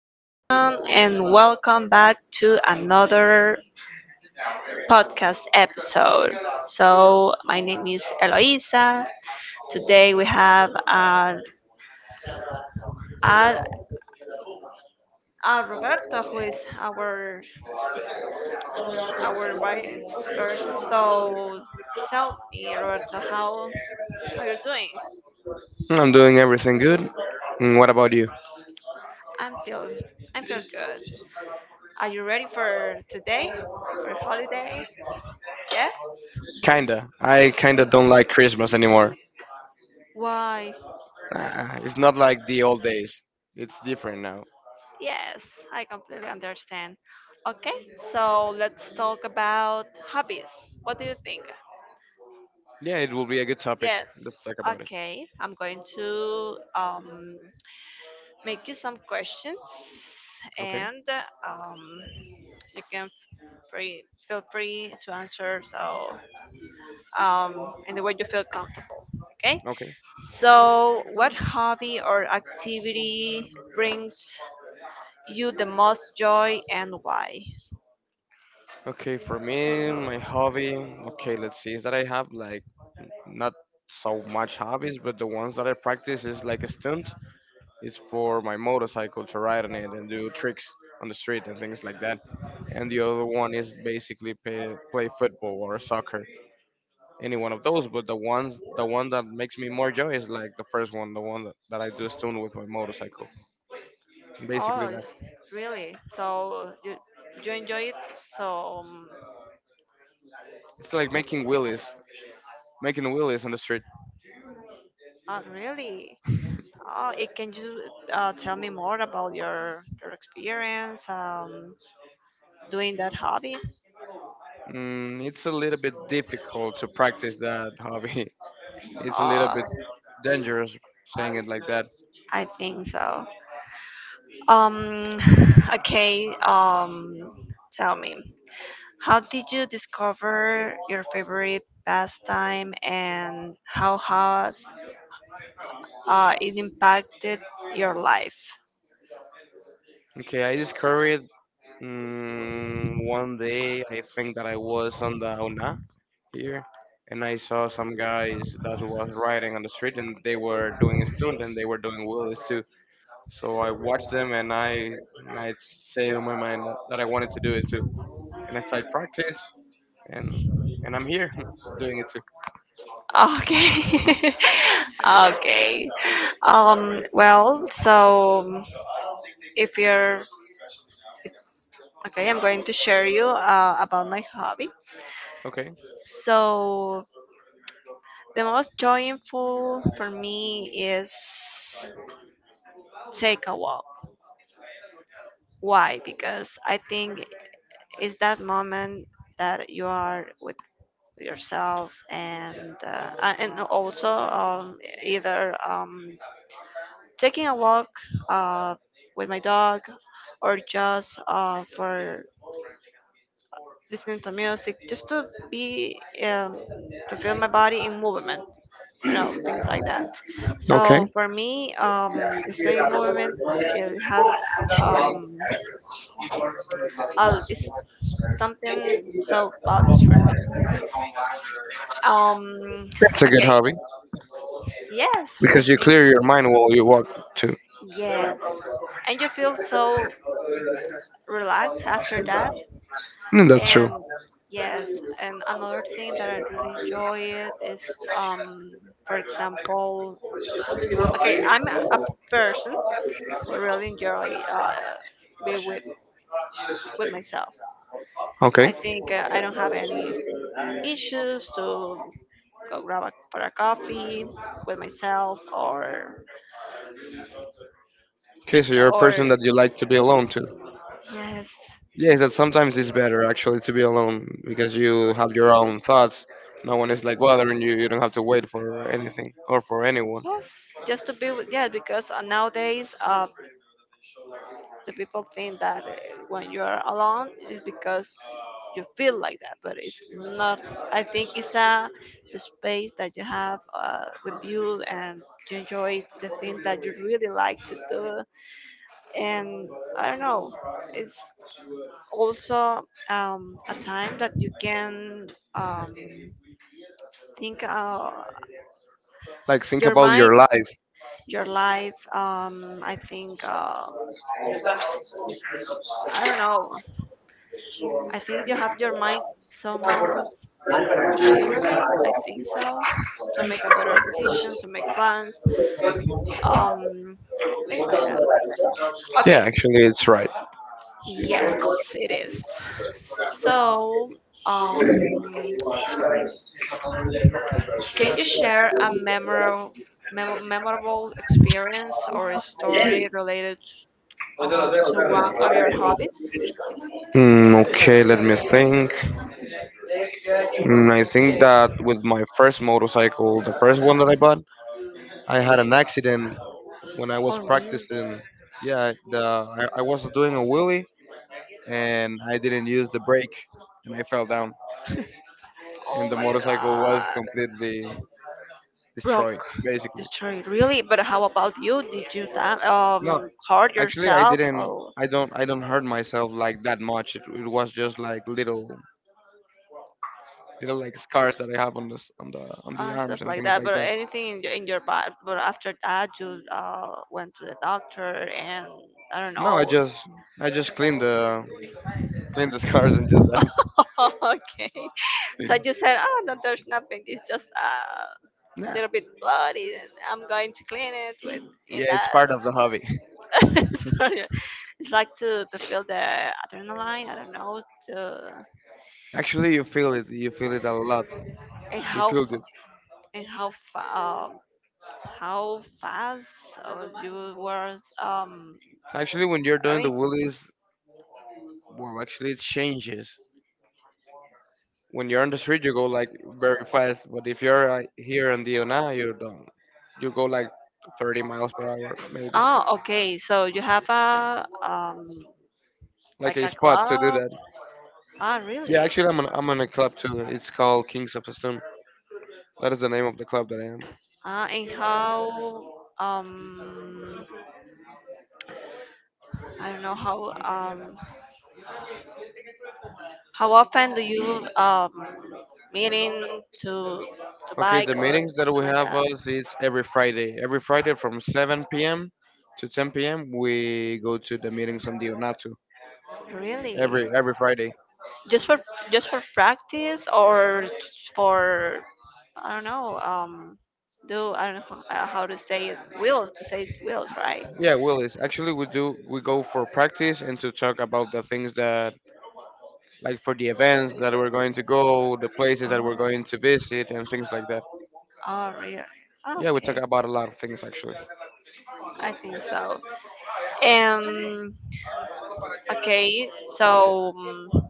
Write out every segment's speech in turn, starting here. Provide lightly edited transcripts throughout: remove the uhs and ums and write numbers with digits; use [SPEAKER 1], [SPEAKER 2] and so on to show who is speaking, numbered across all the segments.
[SPEAKER 1] everyone, and welcome back to another podcast episode. So, my name is Eloisa. Today we have uh, Roberto, who is our vice person. So, tell me, Roberto, how you doing?
[SPEAKER 2] I'm doing everything good. And what about you?
[SPEAKER 1] I'm feel I feel good. Are you ready for today, for holiday? Yes.
[SPEAKER 2] Kinda. I kinda don't like Christmas anymore.
[SPEAKER 1] Why?
[SPEAKER 2] Ah, it's not like the old days. It's different now.
[SPEAKER 1] Yes, I completely understand. Okay, so let's talk about hobbies. What do you think?
[SPEAKER 2] Yeah, it will be a good topic.
[SPEAKER 1] Yes.
[SPEAKER 2] Let's talk about it.
[SPEAKER 1] Okay, I'm going to make you some questions,
[SPEAKER 2] Okay.
[SPEAKER 1] and um, you can free feel free to answer, so in the way you feel comfortable. Okay.
[SPEAKER 2] Okay.
[SPEAKER 1] So, what hobby or activity brings you the most joy, and why?
[SPEAKER 2] Okay. For me, my hobby. Okay, let's see. Is that I have like not so much hobbies, but the ones that I practice is like a stunt. It's for my motorcycle to ride on it and do tricks on the street and things like that. And the other one is basically play football or soccer. Any one of those, but the one that makes me more joy is like the first one, the one that I do stunt with my motorcycle. Basically
[SPEAKER 1] Oh,
[SPEAKER 2] that.
[SPEAKER 1] really? So you enjoy it? So
[SPEAKER 2] It's like making wheelies. Making wheelies on the street.
[SPEAKER 1] really? Oh, it, can you tell me more about your experience doing that hobby?
[SPEAKER 2] It's a little bit difficult to practice that hobby. It's a little
[SPEAKER 1] Oh,
[SPEAKER 2] bit dangerous saying it like that.
[SPEAKER 1] I think so. Um, okay. Tell me, how did you discover your favorite pastime, and how has it impacted your life?
[SPEAKER 2] Okay, I discovered one day. I think that I was on the Una here, and I saw some guys that was riding on the street, and they were doing a stunt, and they were doing wheelies too. So I watched them, and I say in my mind that I wanted to do it too. And I started practice, and and I'm here doing it too.
[SPEAKER 1] Okay. Okay. Well, so if you're okay, I'm going to share you about my hobby.
[SPEAKER 2] Okay,
[SPEAKER 1] So the most joyful for me is take a walk. Why? Because I think it's that moment that you are with yourself, and and also either taking a walk uh, with my dog, or just for listening to music, just to be to feel my body in movement, you know, things like that. So
[SPEAKER 2] okay,
[SPEAKER 1] for me staying in movement, it has um, it's something so values for me. um,
[SPEAKER 2] that's a good
[SPEAKER 1] okay.
[SPEAKER 2] hobby
[SPEAKER 1] Yes, I
[SPEAKER 2] because you
[SPEAKER 1] think.
[SPEAKER 2] clear your mind while you walk too.
[SPEAKER 1] Yes, and you feel so relaxed after that.
[SPEAKER 2] Mm, that's true.
[SPEAKER 1] And yes, and another thing that I really enjoy it is, um, for example, okay, I'm a person who really enjoy be with myself.
[SPEAKER 2] Okay,
[SPEAKER 1] I think I don't have any issues to go grab a, for a coffee with myself,
[SPEAKER 2] okay, so you're a
[SPEAKER 1] or
[SPEAKER 2] person that you like to be alone too.
[SPEAKER 1] yes,
[SPEAKER 2] Yes, that sometimes it's better actually to be alone because you have your own thoughts. No one is like bothering you. You don't have to wait for anything or for anyone.
[SPEAKER 1] yes, just to be with, yeah, because nowadays the people think that when you are alone, it's because you feel like that, but it's not. I think it's a space that you have with you, and you enjoy the thing that you really like to do. And I don't know, it's also a time that you can um, think
[SPEAKER 2] Like think
[SPEAKER 1] your
[SPEAKER 2] about
[SPEAKER 1] mind,
[SPEAKER 2] your life.
[SPEAKER 1] your life. I think. I don't know. I think you have your mind somewhere much clearly. I think so, to make a better decision, to make plans, um, things like that.
[SPEAKER 2] Yeah,
[SPEAKER 1] Okay,
[SPEAKER 2] actually, it's right.
[SPEAKER 1] yes, it is. So, um, can you share a memorable experience or a story related to one of your hobbies?
[SPEAKER 2] Mm, okay, let me think. I think that with my first motorcycle, the first one that I bought, I had an accident when I
[SPEAKER 1] Oh,
[SPEAKER 2] was
[SPEAKER 1] really?
[SPEAKER 2] practicing. Yeah, I was doing a wheelie and I didn't use the brake and I fell down and
[SPEAKER 1] Oh
[SPEAKER 2] the
[SPEAKER 1] my
[SPEAKER 2] motorcycle was
[SPEAKER 1] god.
[SPEAKER 2] completely
[SPEAKER 1] Broke,
[SPEAKER 2] destroyed basically.
[SPEAKER 1] destroyed. Really? But how about you? Did you
[SPEAKER 2] No,
[SPEAKER 1] hurt
[SPEAKER 2] actually I
[SPEAKER 1] yourself,
[SPEAKER 2] didn't
[SPEAKER 1] or
[SPEAKER 2] I don't I don't hurt myself like that much. It was just like little like scars that I have on the arms
[SPEAKER 1] stuff
[SPEAKER 2] and
[SPEAKER 1] like
[SPEAKER 2] things
[SPEAKER 1] that?
[SPEAKER 2] like
[SPEAKER 1] But
[SPEAKER 2] that.
[SPEAKER 1] anything in your body? But after that, you went to the doctor, and I don't
[SPEAKER 2] No, I
[SPEAKER 1] know.
[SPEAKER 2] just I just clean the scars and just that.
[SPEAKER 1] Okay. So you said, oh no, there's nothing. It's just a
[SPEAKER 2] Nah,
[SPEAKER 1] little bit bloody, and I'm going to clean it with in
[SPEAKER 2] yeah, it's
[SPEAKER 1] that.
[SPEAKER 2] part of the hobby.
[SPEAKER 1] It's part of- it's like to feel the adrenaline. I don't know to.
[SPEAKER 2] Actually, you feel it. You feel it a lot.
[SPEAKER 1] And
[SPEAKER 2] You
[SPEAKER 1] how
[SPEAKER 2] feel
[SPEAKER 1] fa-
[SPEAKER 2] it.
[SPEAKER 1] and how fa- um how fast you was
[SPEAKER 2] Actually, when you're
[SPEAKER 1] I
[SPEAKER 2] doing the
[SPEAKER 1] mean,
[SPEAKER 2] wheelies, well, actually, it changes. When you're on the street, you go like very fast, but if you're like, here on the Ona, you don't. You go like 30 miles per hour, maybe.
[SPEAKER 1] oh, okay, so you have a
[SPEAKER 2] Like
[SPEAKER 1] like
[SPEAKER 2] a
[SPEAKER 1] a
[SPEAKER 2] spot to do
[SPEAKER 1] club,
[SPEAKER 2] that.
[SPEAKER 1] ah,
[SPEAKER 2] Yeah,
[SPEAKER 1] really?
[SPEAKER 2] actually, I'm on a club too. It's called Kings of the Storm. That is the name of the club that I am.
[SPEAKER 1] Ah, and how um I don't know how often do you meeting to
[SPEAKER 2] Okay,
[SPEAKER 1] bike
[SPEAKER 2] the
[SPEAKER 1] or
[SPEAKER 2] meetings that
[SPEAKER 1] something
[SPEAKER 2] we
[SPEAKER 1] like
[SPEAKER 2] have
[SPEAKER 1] that,
[SPEAKER 2] us is every Friday. Every Friday from 7 p.m. to 10 p.m. we go to the meetings on the Onatu.
[SPEAKER 1] really?
[SPEAKER 2] Every Friday.
[SPEAKER 1] just for just for practice, or just for I don't know do I don't know how to say it, wills, to say wills, right?
[SPEAKER 2] Yeah, Willis. Actually, we go for practice and to talk about the things that, like, for the events that we're going to go, the places
[SPEAKER 1] Oh,
[SPEAKER 2] that we're going to visit, and things like that.
[SPEAKER 1] oh really,
[SPEAKER 2] Yeah, we talk
[SPEAKER 1] okay,
[SPEAKER 2] about a lot of things actually.
[SPEAKER 1] I think so. um okay, so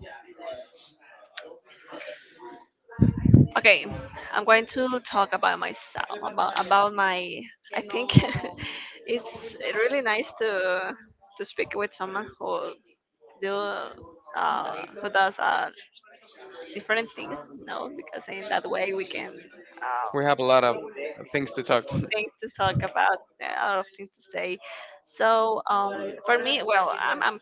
[SPEAKER 1] okay. I'm going to talk about myself, about my, I think, it's really nice to speak with someone who do with us different things, no, because in that way we can
[SPEAKER 2] We have a lot of things to talk.
[SPEAKER 1] things to talk about, a lot of things to say. So for me, well, I'm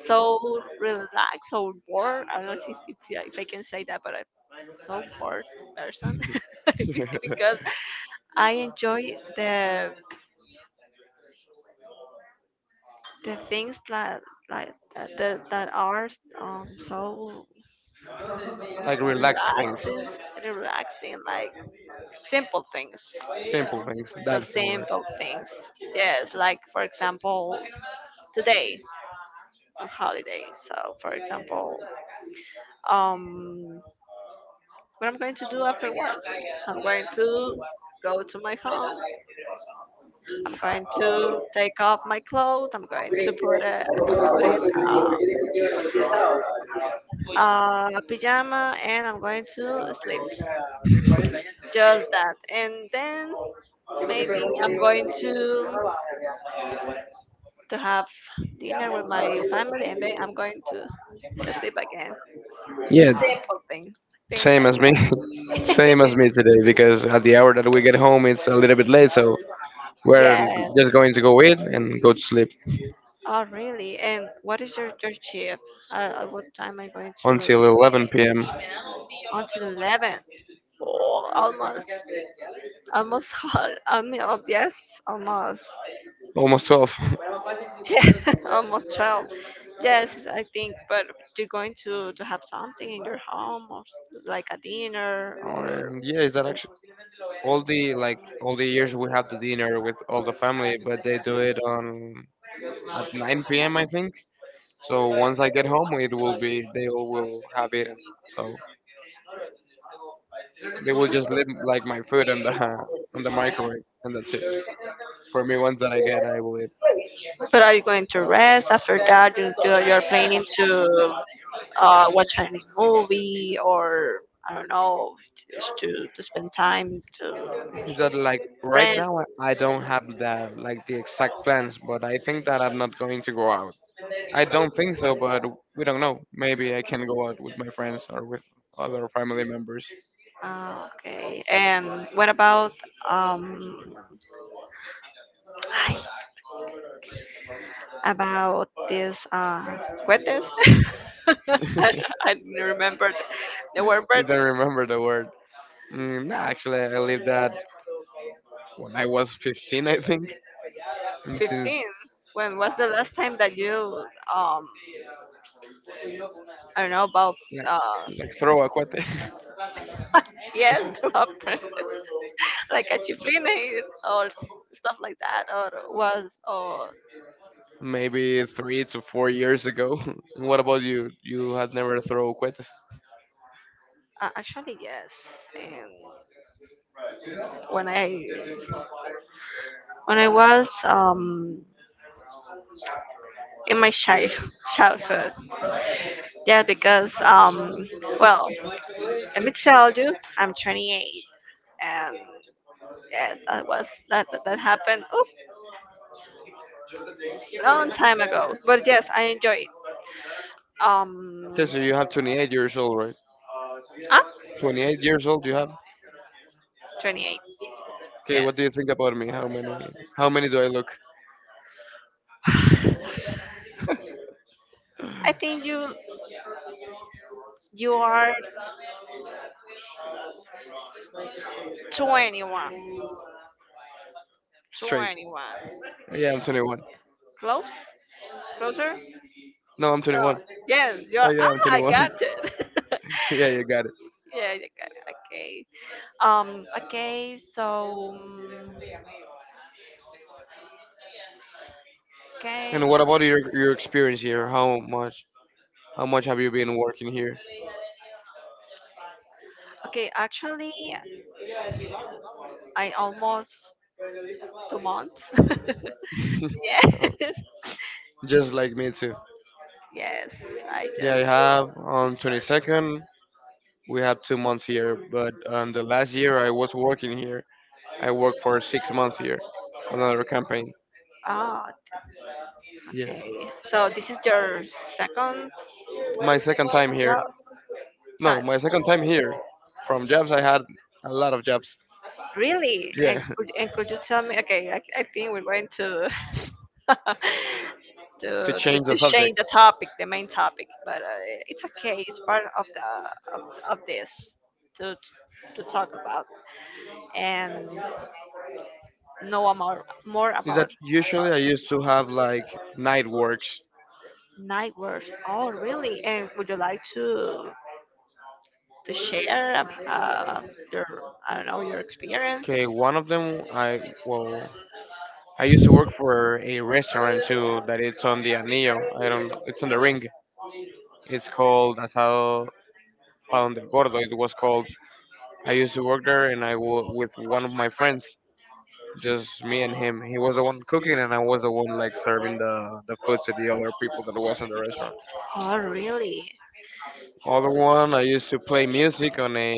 [SPEAKER 1] so relaxed, so bored. I don't know if, if I can say that, but I'm so bored person. Because I enjoy the things that like that are so
[SPEAKER 2] Like relaxed things,
[SPEAKER 1] relaxing, relaxing, like simple things,
[SPEAKER 2] simple things.
[SPEAKER 1] the
[SPEAKER 2] That's the word.
[SPEAKER 1] simple things. Yes, like for example, today on holiday. So for example, um what I'm going to do after work, I'm going to go to my home, I'm going to take off my clothes, I'm going to put in um, a pajama, and I'm going to sleep, just that, and then maybe I'm going to have dinner with my family, and then I'm going to sleep again.
[SPEAKER 2] Yeah,
[SPEAKER 1] Simple thing, things
[SPEAKER 2] same
[SPEAKER 1] like
[SPEAKER 2] as me.
[SPEAKER 1] that.
[SPEAKER 2] Same as me today because at the hour that we get home, it's a little bit late, so we're
[SPEAKER 1] Yes.
[SPEAKER 2] just going to go eat and go to sleep
[SPEAKER 1] Oh, really? And what is your shift? At what time are you going to
[SPEAKER 2] until
[SPEAKER 1] leave?
[SPEAKER 2] 11 p.m.
[SPEAKER 1] Until 11. Oh, almost, almost. I mean, oh, yes, almost.
[SPEAKER 2] Almost 12.
[SPEAKER 1] Yeah, almost 12. Yes, I think. But you're going to have something in your home, or s- like a dinner, or.
[SPEAKER 2] Mm, yeah, is that actually all the years we have the dinner with all the family, but they do it on at 9 p.m. I think. So once I get home, it will be they all will have eaten. So they will just leave like my food on the on the microwave, and that's it. For me, once that I get, I will eat.
[SPEAKER 1] But are you going to rest after that? You, you're planning to watch a movie, or I don't know, just to spend time to
[SPEAKER 2] Is that like right
[SPEAKER 1] friends.
[SPEAKER 2] now? I don't have the exact plans, but I think that I'm not going to go out. I don't think so, but we don't know. Maybe I can go out with my friends or with other family members.
[SPEAKER 1] Ah, okay. And what about um about this cuetes? I, I don't remember the word,
[SPEAKER 2] You
[SPEAKER 1] but
[SPEAKER 2] don't remember the word? Mm, nah, actually, I lived that when I was 15, I think. And since,
[SPEAKER 1] 15. When was the last time that you um I don't know about
[SPEAKER 2] like
[SPEAKER 1] uh
[SPEAKER 2] like throw a cuete,
[SPEAKER 1] yes, to like a chiflina or s- stuff like that, or was, or
[SPEAKER 2] maybe 3 to 4 years ago. And what about you? You had never throw cuetes.
[SPEAKER 1] actually yes. And when I when I was in my childhood, yeah, because well, let me tell you, I'm 28, and yes, that was that that happened. Oop, long time ago. But yes, I enjoy it. Um,
[SPEAKER 2] Okay, so you have 28 years old, right?
[SPEAKER 1] Ah,
[SPEAKER 2] 28 years old you have?
[SPEAKER 1] 28.
[SPEAKER 2] Okay, what do
[SPEAKER 1] Yes.
[SPEAKER 2] you think about me? How many do I look?
[SPEAKER 1] I think you are 21.
[SPEAKER 2] Straight.
[SPEAKER 1] 21.
[SPEAKER 2] Yeah, I'm 21.
[SPEAKER 1] Close? Closer?
[SPEAKER 2] No, I'm
[SPEAKER 1] No.
[SPEAKER 2] 21.
[SPEAKER 1] Yes, you're
[SPEAKER 2] Oh yeah, I'm
[SPEAKER 1] ah, I
[SPEAKER 2] 21.
[SPEAKER 1] got it.
[SPEAKER 2] Yeah, you got it.
[SPEAKER 1] Yeah, you got it. Okay. Okay, so okay.
[SPEAKER 2] And what about your experience here? How much have you been working here?
[SPEAKER 1] Okay, actually, I almost 2 months. Yes.
[SPEAKER 2] Just like me too.
[SPEAKER 1] Yes. I
[SPEAKER 2] Yeah, I
[SPEAKER 1] just
[SPEAKER 2] have on 22nd. We have 2 months here, but on the last year I was working here. I worked for 6 months here, another campaign.
[SPEAKER 1] ah
[SPEAKER 2] Yeah,
[SPEAKER 1] okay. So this is your second
[SPEAKER 2] my second time here.
[SPEAKER 1] job
[SPEAKER 2] No,
[SPEAKER 1] time.
[SPEAKER 2] my second time here. From jobs I had a lot of jobs.
[SPEAKER 1] Really?
[SPEAKER 2] Yeah,
[SPEAKER 1] And could you tell me? Okay, I think we're going to to,
[SPEAKER 2] to
[SPEAKER 1] to
[SPEAKER 2] change the
[SPEAKER 1] to change
[SPEAKER 2] subject,
[SPEAKER 1] the topic, the main topic, but it's okay. It's part of the of, of this to talk about, and know more
[SPEAKER 2] is that
[SPEAKER 1] about
[SPEAKER 2] usually I
[SPEAKER 1] us.
[SPEAKER 2] used to have like night works.
[SPEAKER 1] Night words. Oh, really? And would you like to share your I don't know, your experience?
[SPEAKER 2] Okay, one of them I, well, I used to work for a restaurant too that it's on the Anillo. I don't. It's on the ring. It's called Asado Pan del Gordo. It was called. I used to work there, and I was with one of my friends, just me and him. He was the one cooking, and I was the one like serving the food to the other people that was in the restaurant.
[SPEAKER 1] Oh, really?
[SPEAKER 2] Other one, I used to play music on a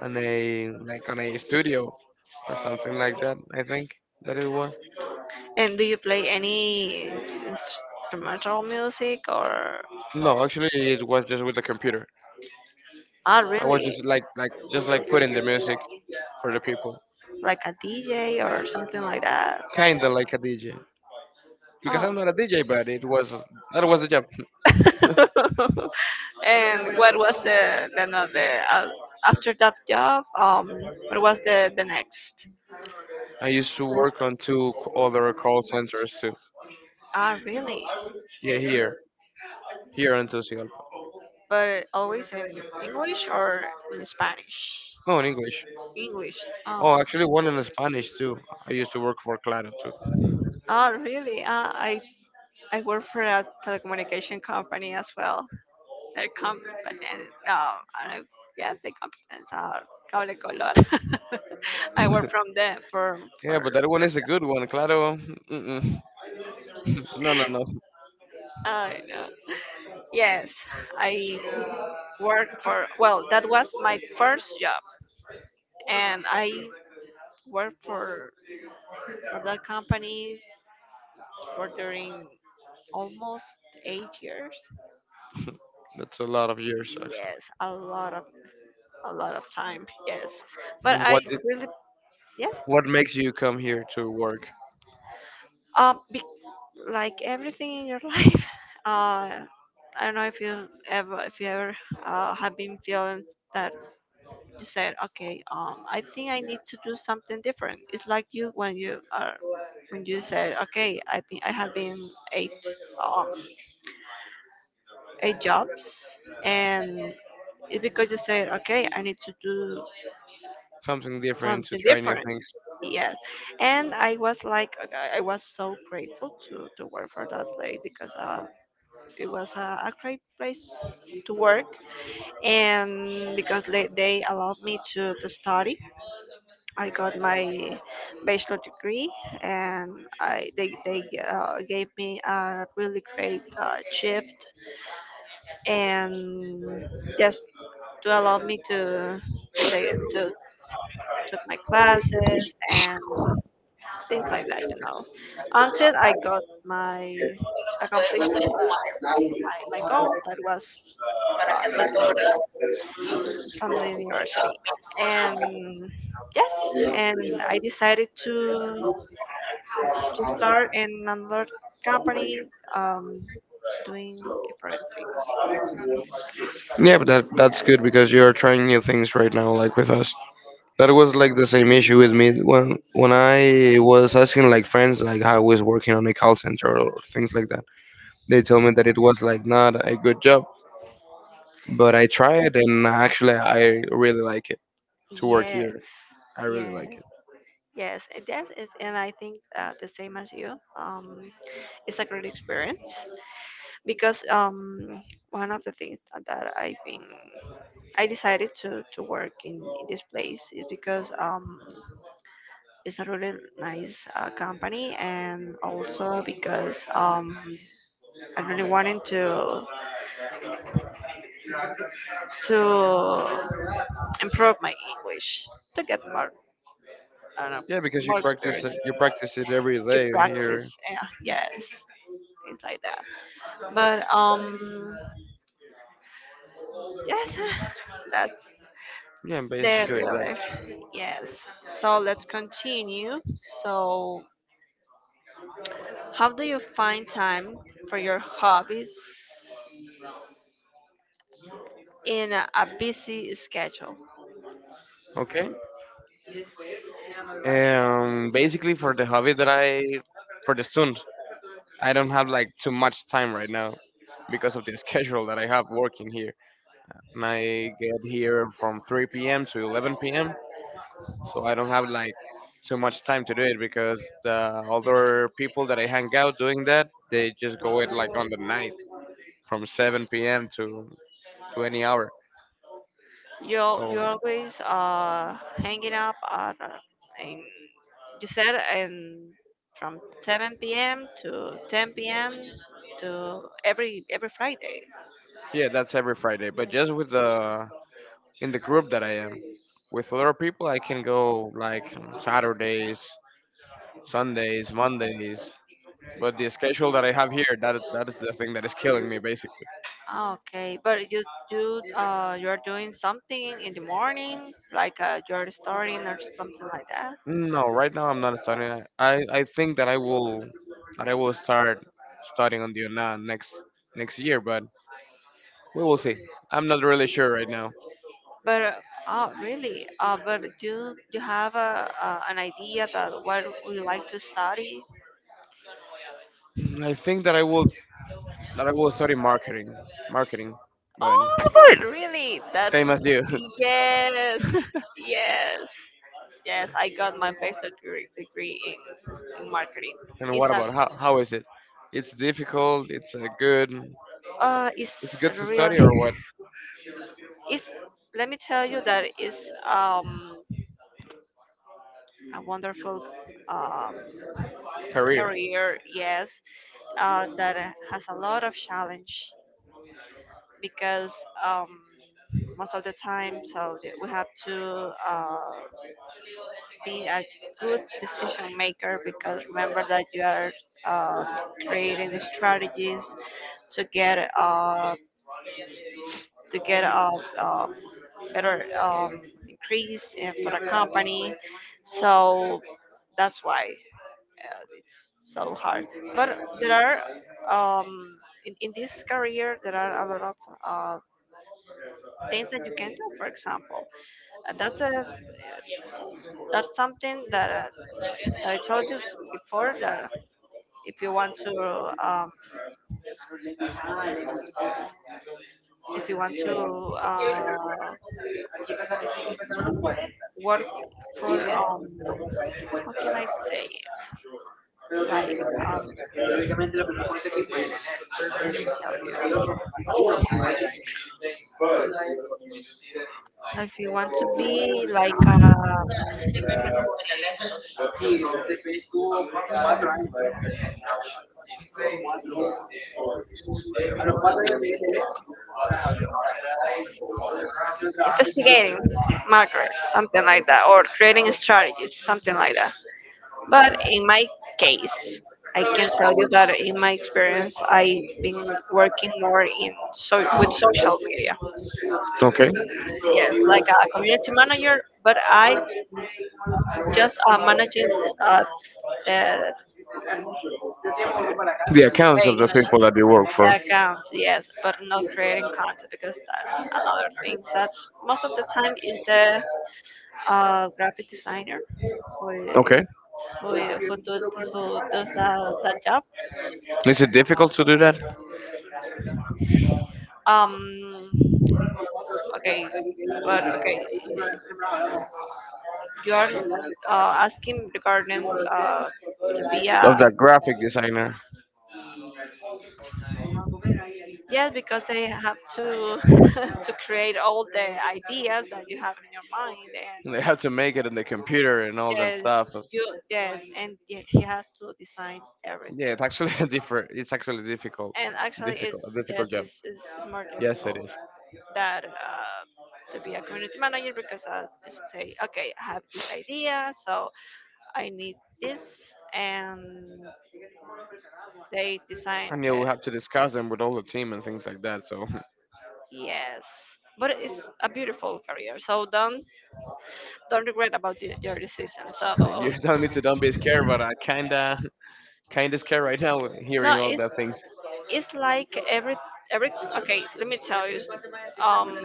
[SPEAKER 2] on a like on a studio or something like that. I think that it was.
[SPEAKER 1] And do you play any instrumental music, or?
[SPEAKER 2] No, actually, it was just with the computer.
[SPEAKER 1] Oh,
[SPEAKER 2] I was
[SPEAKER 1] really?
[SPEAKER 2] just like putting the music for the people,
[SPEAKER 1] Like a DJ or something like that?
[SPEAKER 2] kinda like a DJ. Because
[SPEAKER 1] Oh.
[SPEAKER 2] I'm not a DJ, but it was that was the job.
[SPEAKER 1] And what was the, no, the after that job? What was the next?
[SPEAKER 2] I used to work on two other call centers too.
[SPEAKER 1] Ah, really?
[SPEAKER 2] Yeah, here in Tegucigalpa.
[SPEAKER 1] But always in English or in Spanish?
[SPEAKER 2] No, in English.
[SPEAKER 1] English. Oh.
[SPEAKER 2] Oh, actually, one in Spanish too. I used to work for Claro too.
[SPEAKER 1] Oh, really? I work for a telecommunication company as well. They're competent. No, I don't, yes, the competence are cable color. I work from them for
[SPEAKER 2] Yeah,
[SPEAKER 1] for.
[SPEAKER 2] but that one is a good one. Claro, mm-mm. No, no, no.
[SPEAKER 1] I know. Yes, I work for. Well, that was my first job, and I worked for that company for during almost 8 years.
[SPEAKER 2] That's a lot of years actually.
[SPEAKER 1] Yes, a lot of time. Yes, but
[SPEAKER 2] Mm,
[SPEAKER 1] I
[SPEAKER 2] What did,
[SPEAKER 1] really yes.
[SPEAKER 2] what makes you come here to work?
[SPEAKER 1] Be, like everything in your life. Uh, I don't know if you ever, have been feeling that you said, okay, I think I need to do something different. It's like you when you are, when you said, okay, I have been eight um, eight jobs, and it's because you said, okay, I need to do
[SPEAKER 2] Something different to
[SPEAKER 1] something
[SPEAKER 2] try new
[SPEAKER 1] different.
[SPEAKER 2] things.
[SPEAKER 1] Yes, and I was like, I was so grateful to work for that place, because it was a great place to work, and because they allowed me to study, I got my bachelor degree, and I they gave me a really great shift, and just to allow me to take to took my classes, and things like that, you know. Until I got my accomplished my goal, that was Godfather from the university, and yes, and I decided to start in another company, um, doing different things.
[SPEAKER 2] Yeah, but that's
[SPEAKER 1] Yes,
[SPEAKER 2] good because you're trying new things right now, like with us. That was like the same issue with me when I was asking like friends like how I was working on a call center or things like that. They told me that it was like not a good job, but I tried and actually I really like it to work
[SPEAKER 1] yes,
[SPEAKER 2] here. I really like
[SPEAKER 1] yes,
[SPEAKER 2] it.
[SPEAKER 1] yes, and that is, and I think the same as you. It's a great experience, because one of the things that I decided to work in this place, is because it's a really nice company, and also because I really wanted to to improve my English, to get more I don't know,
[SPEAKER 2] Yeah, because you
[SPEAKER 1] more
[SPEAKER 2] practice
[SPEAKER 1] experience,
[SPEAKER 2] it, you practice it every day here.
[SPEAKER 1] practice, yeah, yes, things like that, but yes, that's
[SPEAKER 2] Yeah,
[SPEAKER 1] the
[SPEAKER 2] basically
[SPEAKER 1] real
[SPEAKER 2] that.
[SPEAKER 1] life. Yes. So let's continue. So, how do you find time for your hobbies in a busy schedule?
[SPEAKER 2] Okay. Basically for the hobby that I for the student, I don't have like too much time right now because of the schedule that I have working here. And I get here from 3 p.m. to 11 p.m. So I don't have like too much time to do it because the other people that I hang out doing that, they just go it like on the night from 7 p.m. to any hour.
[SPEAKER 1] You're
[SPEAKER 2] So
[SPEAKER 1] you're always hanging up at in, you said in from 7 p.m. to 10 p.m. to every Friday.
[SPEAKER 2] yeah, that's every Friday. But just with the, in the group that I am with other people, I can go like, Saturdays, Sundays, Mondays. But the schedule that I have here, that is the thing that is killing me basically.
[SPEAKER 1] Okay, but you do you're doing something in the morning, like you're starting or something like that.
[SPEAKER 2] No, right now I'm not studying. I think that I will start studying on the UNA next year, but we will see. I'm not really sure right now.
[SPEAKER 1] But oh, really? But do you have a an idea that what would you like to study?
[SPEAKER 2] I think that I will study marketing, but
[SPEAKER 1] Oh, but really? That's
[SPEAKER 2] same as you.
[SPEAKER 1] yes, yes, yes. I got my bachelor degree in marketing.
[SPEAKER 2] And what
[SPEAKER 1] It's a
[SPEAKER 2] about, how is it? It's difficult. It's a good. It's
[SPEAKER 1] it's
[SPEAKER 2] good to
[SPEAKER 1] really
[SPEAKER 2] study or what?
[SPEAKER 1] it's. Let me tell you that it's a wonderful um
[SPEAKER 2] Career.
[SPEAKER 1] career. Yes, that has a lot of challenge because um most of the time. So that we have to be a good decision maker because remember that you are uh, creating the strategies to get uh, to get a better increase for the company. So that's why it's so hard. But there are in this career there are a lot of uh, things that you can do. For example, that's a that's something that, that I told you before that if you want to if you want to work for how can I say like um let me tell you, like if you want to be like investigating markers, something like that, or creating strategies, something like that. But in my case, I can tell you that in my experience I've been working more in, so with social media,
[SPEAKER 2] Okay.
[SPEAKER 1] yes, like a community manager, but I just managing uh, the,
[SPEAKER 2] The
[SPEAKER 1] the
[SPEAKER 2] accounts of the
[SPEAKER 1] page,
[SPEAKER 2] people that they work
[SPEAKER 1] the
[SPEAKER 2] for.
[SPEAKER 1] account, yes, but not creating content, because that's another thing that most of the time is the graphic designer who
[SPEAKER 2] Okay.
[SPEAKER 1] is who who, do, who does that that job.
[SPEAKER 2] Is it difficult to do that?
[SPEAKER 1] Um, okay, but okay, you are asking regarding to be
[SPEAKER 2] Of
[SPEAKER 1] a
[SPEAKER 2] that graphic designer,
[SPEAKER 1] yes, because they have to to create all the ideas that you have in your mind, and
[SPEAKER 2] and they have to make it in the computer and all that
[SPEAKER 1] yes,
[SPEAKER 2] stuff.
[SPEAKER 1] you yes, and he has to design
[SPEAKER 2] Yeah,
[SPEAKER 1] everything.
[SPEAKER 2] it's actually a different. It's actually difficult,
[SPEAKER 1] And actually,
[SPEAKER 2] difficult,
[SPEAKER 1] it's
[SPEAKER 2] a difficult
[SPEAKER 1] yes,
[SPEAKER 2] job.
[SPEAKER 1] it's more
[SPEAKER 2] Yes, it
[SPEAKER 1] difficult
[SPEAKER 2] is.
[SPEAKER 1] that to be a community manager, because I just say, okay, I have this idea, so I need this, and they design.
[SPEAKER 2] And you'll have to discuss them with all the team and things like that. So
[SPEAKER 1] Yes, but it's a beautiful career, so don't regret about your decision. So
[SPEAKER 2] you're telling me to don't be scared, but I kinda scared right now
[SPEAKER 1] no,
[SPEAKER 2] hearing all the things.
[SPEAKER 1] it's like every okay. Let me tell you, um,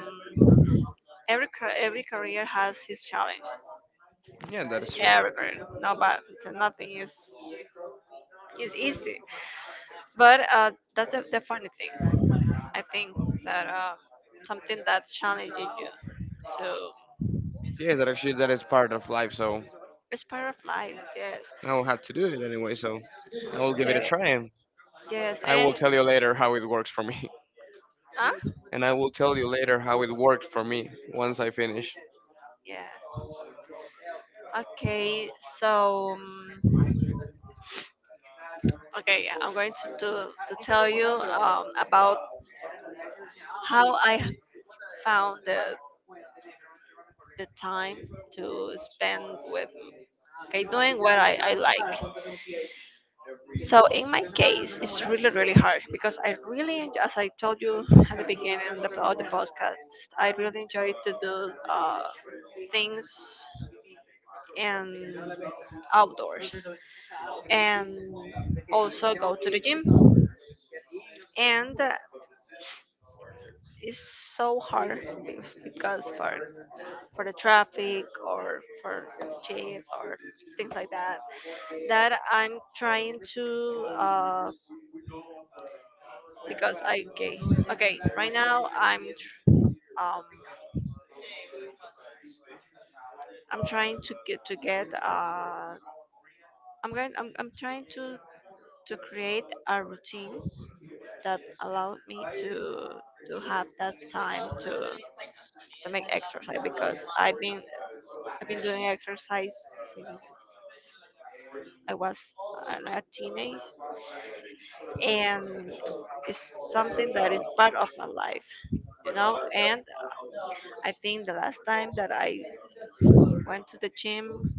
[SPEAKER 1] every every career has his challenge.
[SPEAKER 2] Yeah, that is true.
[SPEAKER 1] Every career, no, but nothing is is easy. But that's the funny thing. I think that something that challenges you to
[SPEAKER 2] Yeah, that actually that is part of life. So
[SPEAKER 1] it's part of life. Yes.
[SPEAKER 2] I will have to do it anyway, so I will give
[SPEAKER 1] So
[SPEAKER 2] it a try, and
[SPEAKER 1] yes,
[SPEAKER 2] I will
[SPEAKER 1] and
[SPEAKER 2] tell you later how it works for me.
[SPEAKER 1] huh?
[SPEAKER 2] And I will tell you later how it worked for me once I finish.
[SPEAKER 1] Yeah. Okay. So. Okay, yeah, I'm going to do, to tell you about how I found the time to spend with okay doing what I like. So in my case, it's really really hard because I really enjoy, as I told you at the beginning of of the podcast, I really enjoy to do things and outdoors and also go to the gym and. It's so hard because for the traffic or for the chief or things like that that I'm trying to because I okay okay, right now I'm um I'm trying to get I'm going I'm trying to create a routine that allowed me to have that time to make exercise, because I've been I've been doing exercise since I was, I don't know, a teenage, and it's something that is part of my life, you know. And I think the last time that I went to the gym,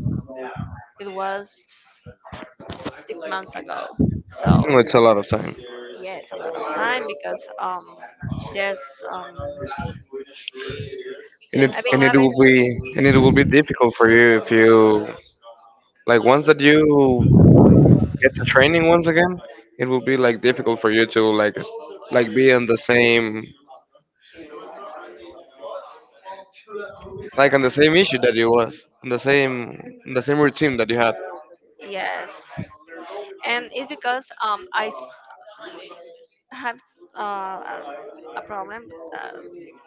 [SPEAKER 1] it was 6 months ago. So
[SPEAKER 2] Oh, it's a lot of time.
[SPEAKER 1] yes, a lot of time because there's um, I've been
[SPEAKER 2] And it
[SPEAKER 1] having
[SPEAKER 2] will be and it will be difficult for you if you, like, once that you get to training once again, it will be like difficult for you to like like be on the same issue that you was, on the same routine that you had.
[SPEAKER 1] yes, and it's because have uh, a a problem uh,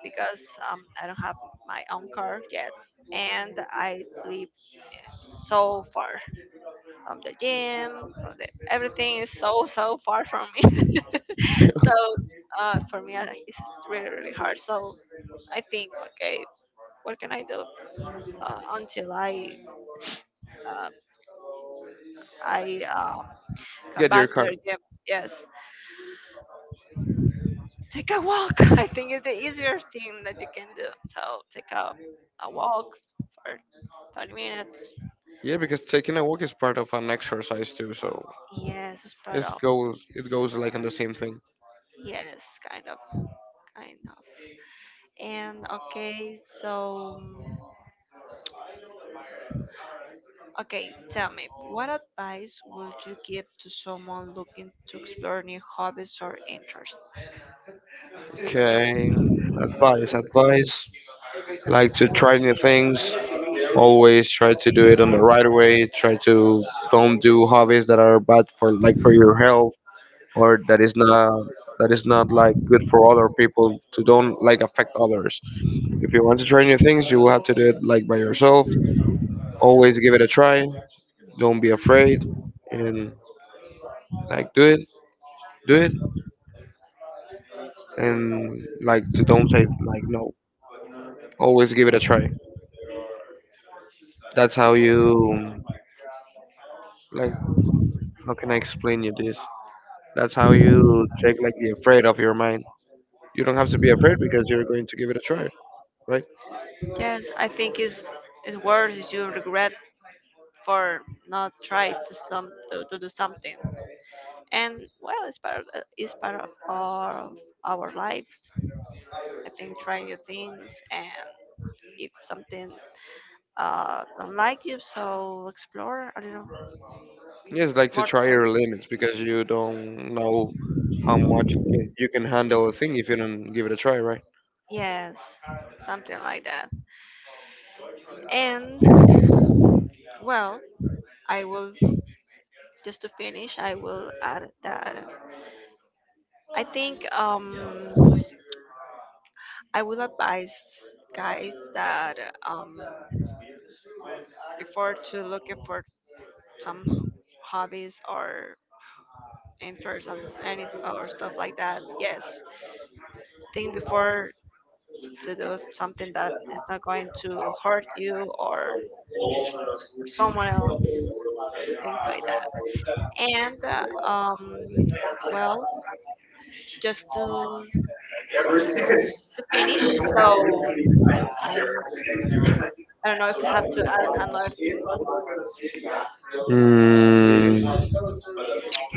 [SPEAKER 1] because I don't have my own car yet, and I live so far. The gym, the, everything is so so far from me. So for me, it's really really hard. So I think, okay, what can I do until I uh, I um, come
[SPEAKER 2] Get your
[SPEAKER 1] back to
[SPEAKER 2] car.
[SPEAKER 1] the gym? Yes, take a walk. I think it's the easier thing that you can do. So take a walk for 30 minutes.
[SPEAKER 2] Yeah, because taking a walk is part of an exercise too, so
[SPEAKER 1] Yes, it's part
[SPEAKER 2] it
[SPEAKER 1] of.
[SPEAKER 2] goes, it goes like on the same thing.
[SPEAKER 1] Yes, kind of, kind of. And okay, so. Okay, tell me, what advice would you give to someone looking to explore new hobbies or interests?
[SPEAKER 2] Okay, advice. Like to try new things. Always try to do it on the right way. Try to don't do hobbies that are bad for, like, for your health or that is not like good for other people, to don't like affect others. If you want to try new things, you will have to do it like by yourself. Always give it a try. Don't be afraid, and like do it, and like to don't say like no. Always give it a try. That's how you like. How can I explain you this? That's how you take like the afraid of your mind. You don't have to be afraid because you're going to give it a try, right?
[SPEAKER 1] Yes, I think it's worse if you regret for not trying to some to do something. And well, it's part of our lives. I think trying new things, and if something don't like you, so explore. I don't know
[SPEAKER 2] Yes, like to
[SPEAKER 1] more
[SPEAKER 2] try your
[SPEAKER 1] things.
[SPEAKER 2] limits because you don't know how much you can handle a thing if you don't give it a try, right?
[SPEAKER 1] Yes, something like that. And well, I will just to finish, I will add that I think I would advise guys that um, before to looking for some hobbies or interests or any or stuff like that, yes, think before to do something that is not going to hurt you or someone else, things like that. And well, just to finish, so I'm I don't know if you have to add another thing.
[SPEAKER 2] Mm,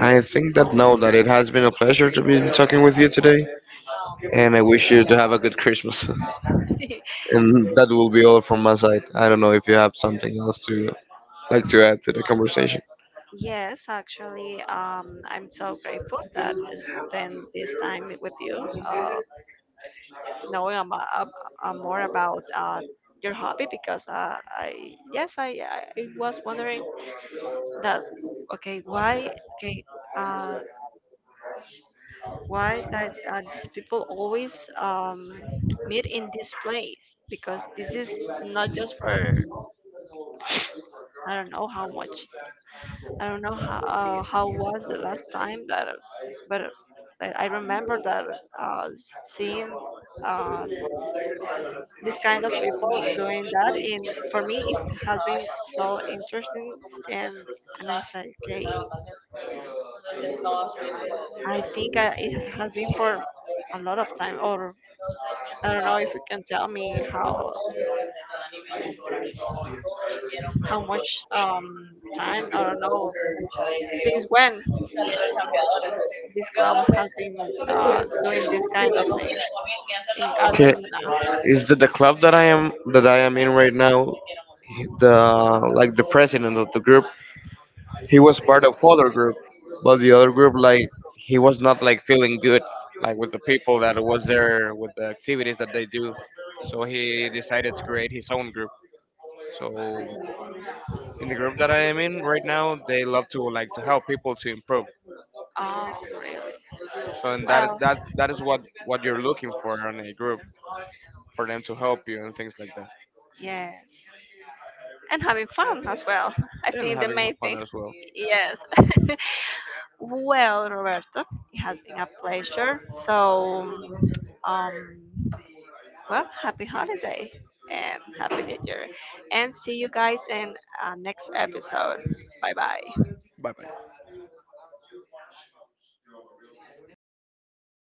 [SPEAKER 2] I think that no, that it has been a pleasure to be talking with you today, and I wish you to have a good Christmas. And that will be all from my side. I don't know if you have something else to like to add to the conversation.
[SPEAKER 1] Yes, actually, I'm so grateful that I spend this time with you, uh, knowing about, more about your hobby, because I yes, I was wondering that okay, why okay, uh, why that these people always meet in this place, because this is not just for I don't know how much I don't know how was the last time that, but that I remember that uh, seeing uh, this kind of people doing that. And for me, it has been so interesting. And and I said, okay, I think it has been for a lot of time. Or I don't know if you can tell me how much time. I don't know since when this club has been doing this kind of things in
[SPEAKER 2] Okay, is that the club that I am in right now? The president of the group, he was part of other group, but the other group, like, he was not like feeling good, like with the people that was there, with the activities that they do. So he decided to create his own group. So in the group that I am in right now, they love to like to help people to improve.
[SPEAKER 1] oh, really?
[SPEAKER 2] So, and that
[SPEAKER 1] Well,
[SPEAKER 2] that that is what you're looking for on a group, for them to help you and things like that.
[SPEAKER 1] yes. And having fun as well. I
[SPEAKER 2] And
[SPEAKER 1] think the
[SPEAKER 2] having
[SPEAKER 1] main
[SPEAKER 2] fun
[SPEAKER 1] thing.
[SPEAKER 2] as well.
[SPEAKER 1] Yes. Well, Roberto, it has been a pleasure. So, um, well, happy holiday and happy new year. And see you guys in next episode. Bye bye.
[SPEAKER 2] Bye bye.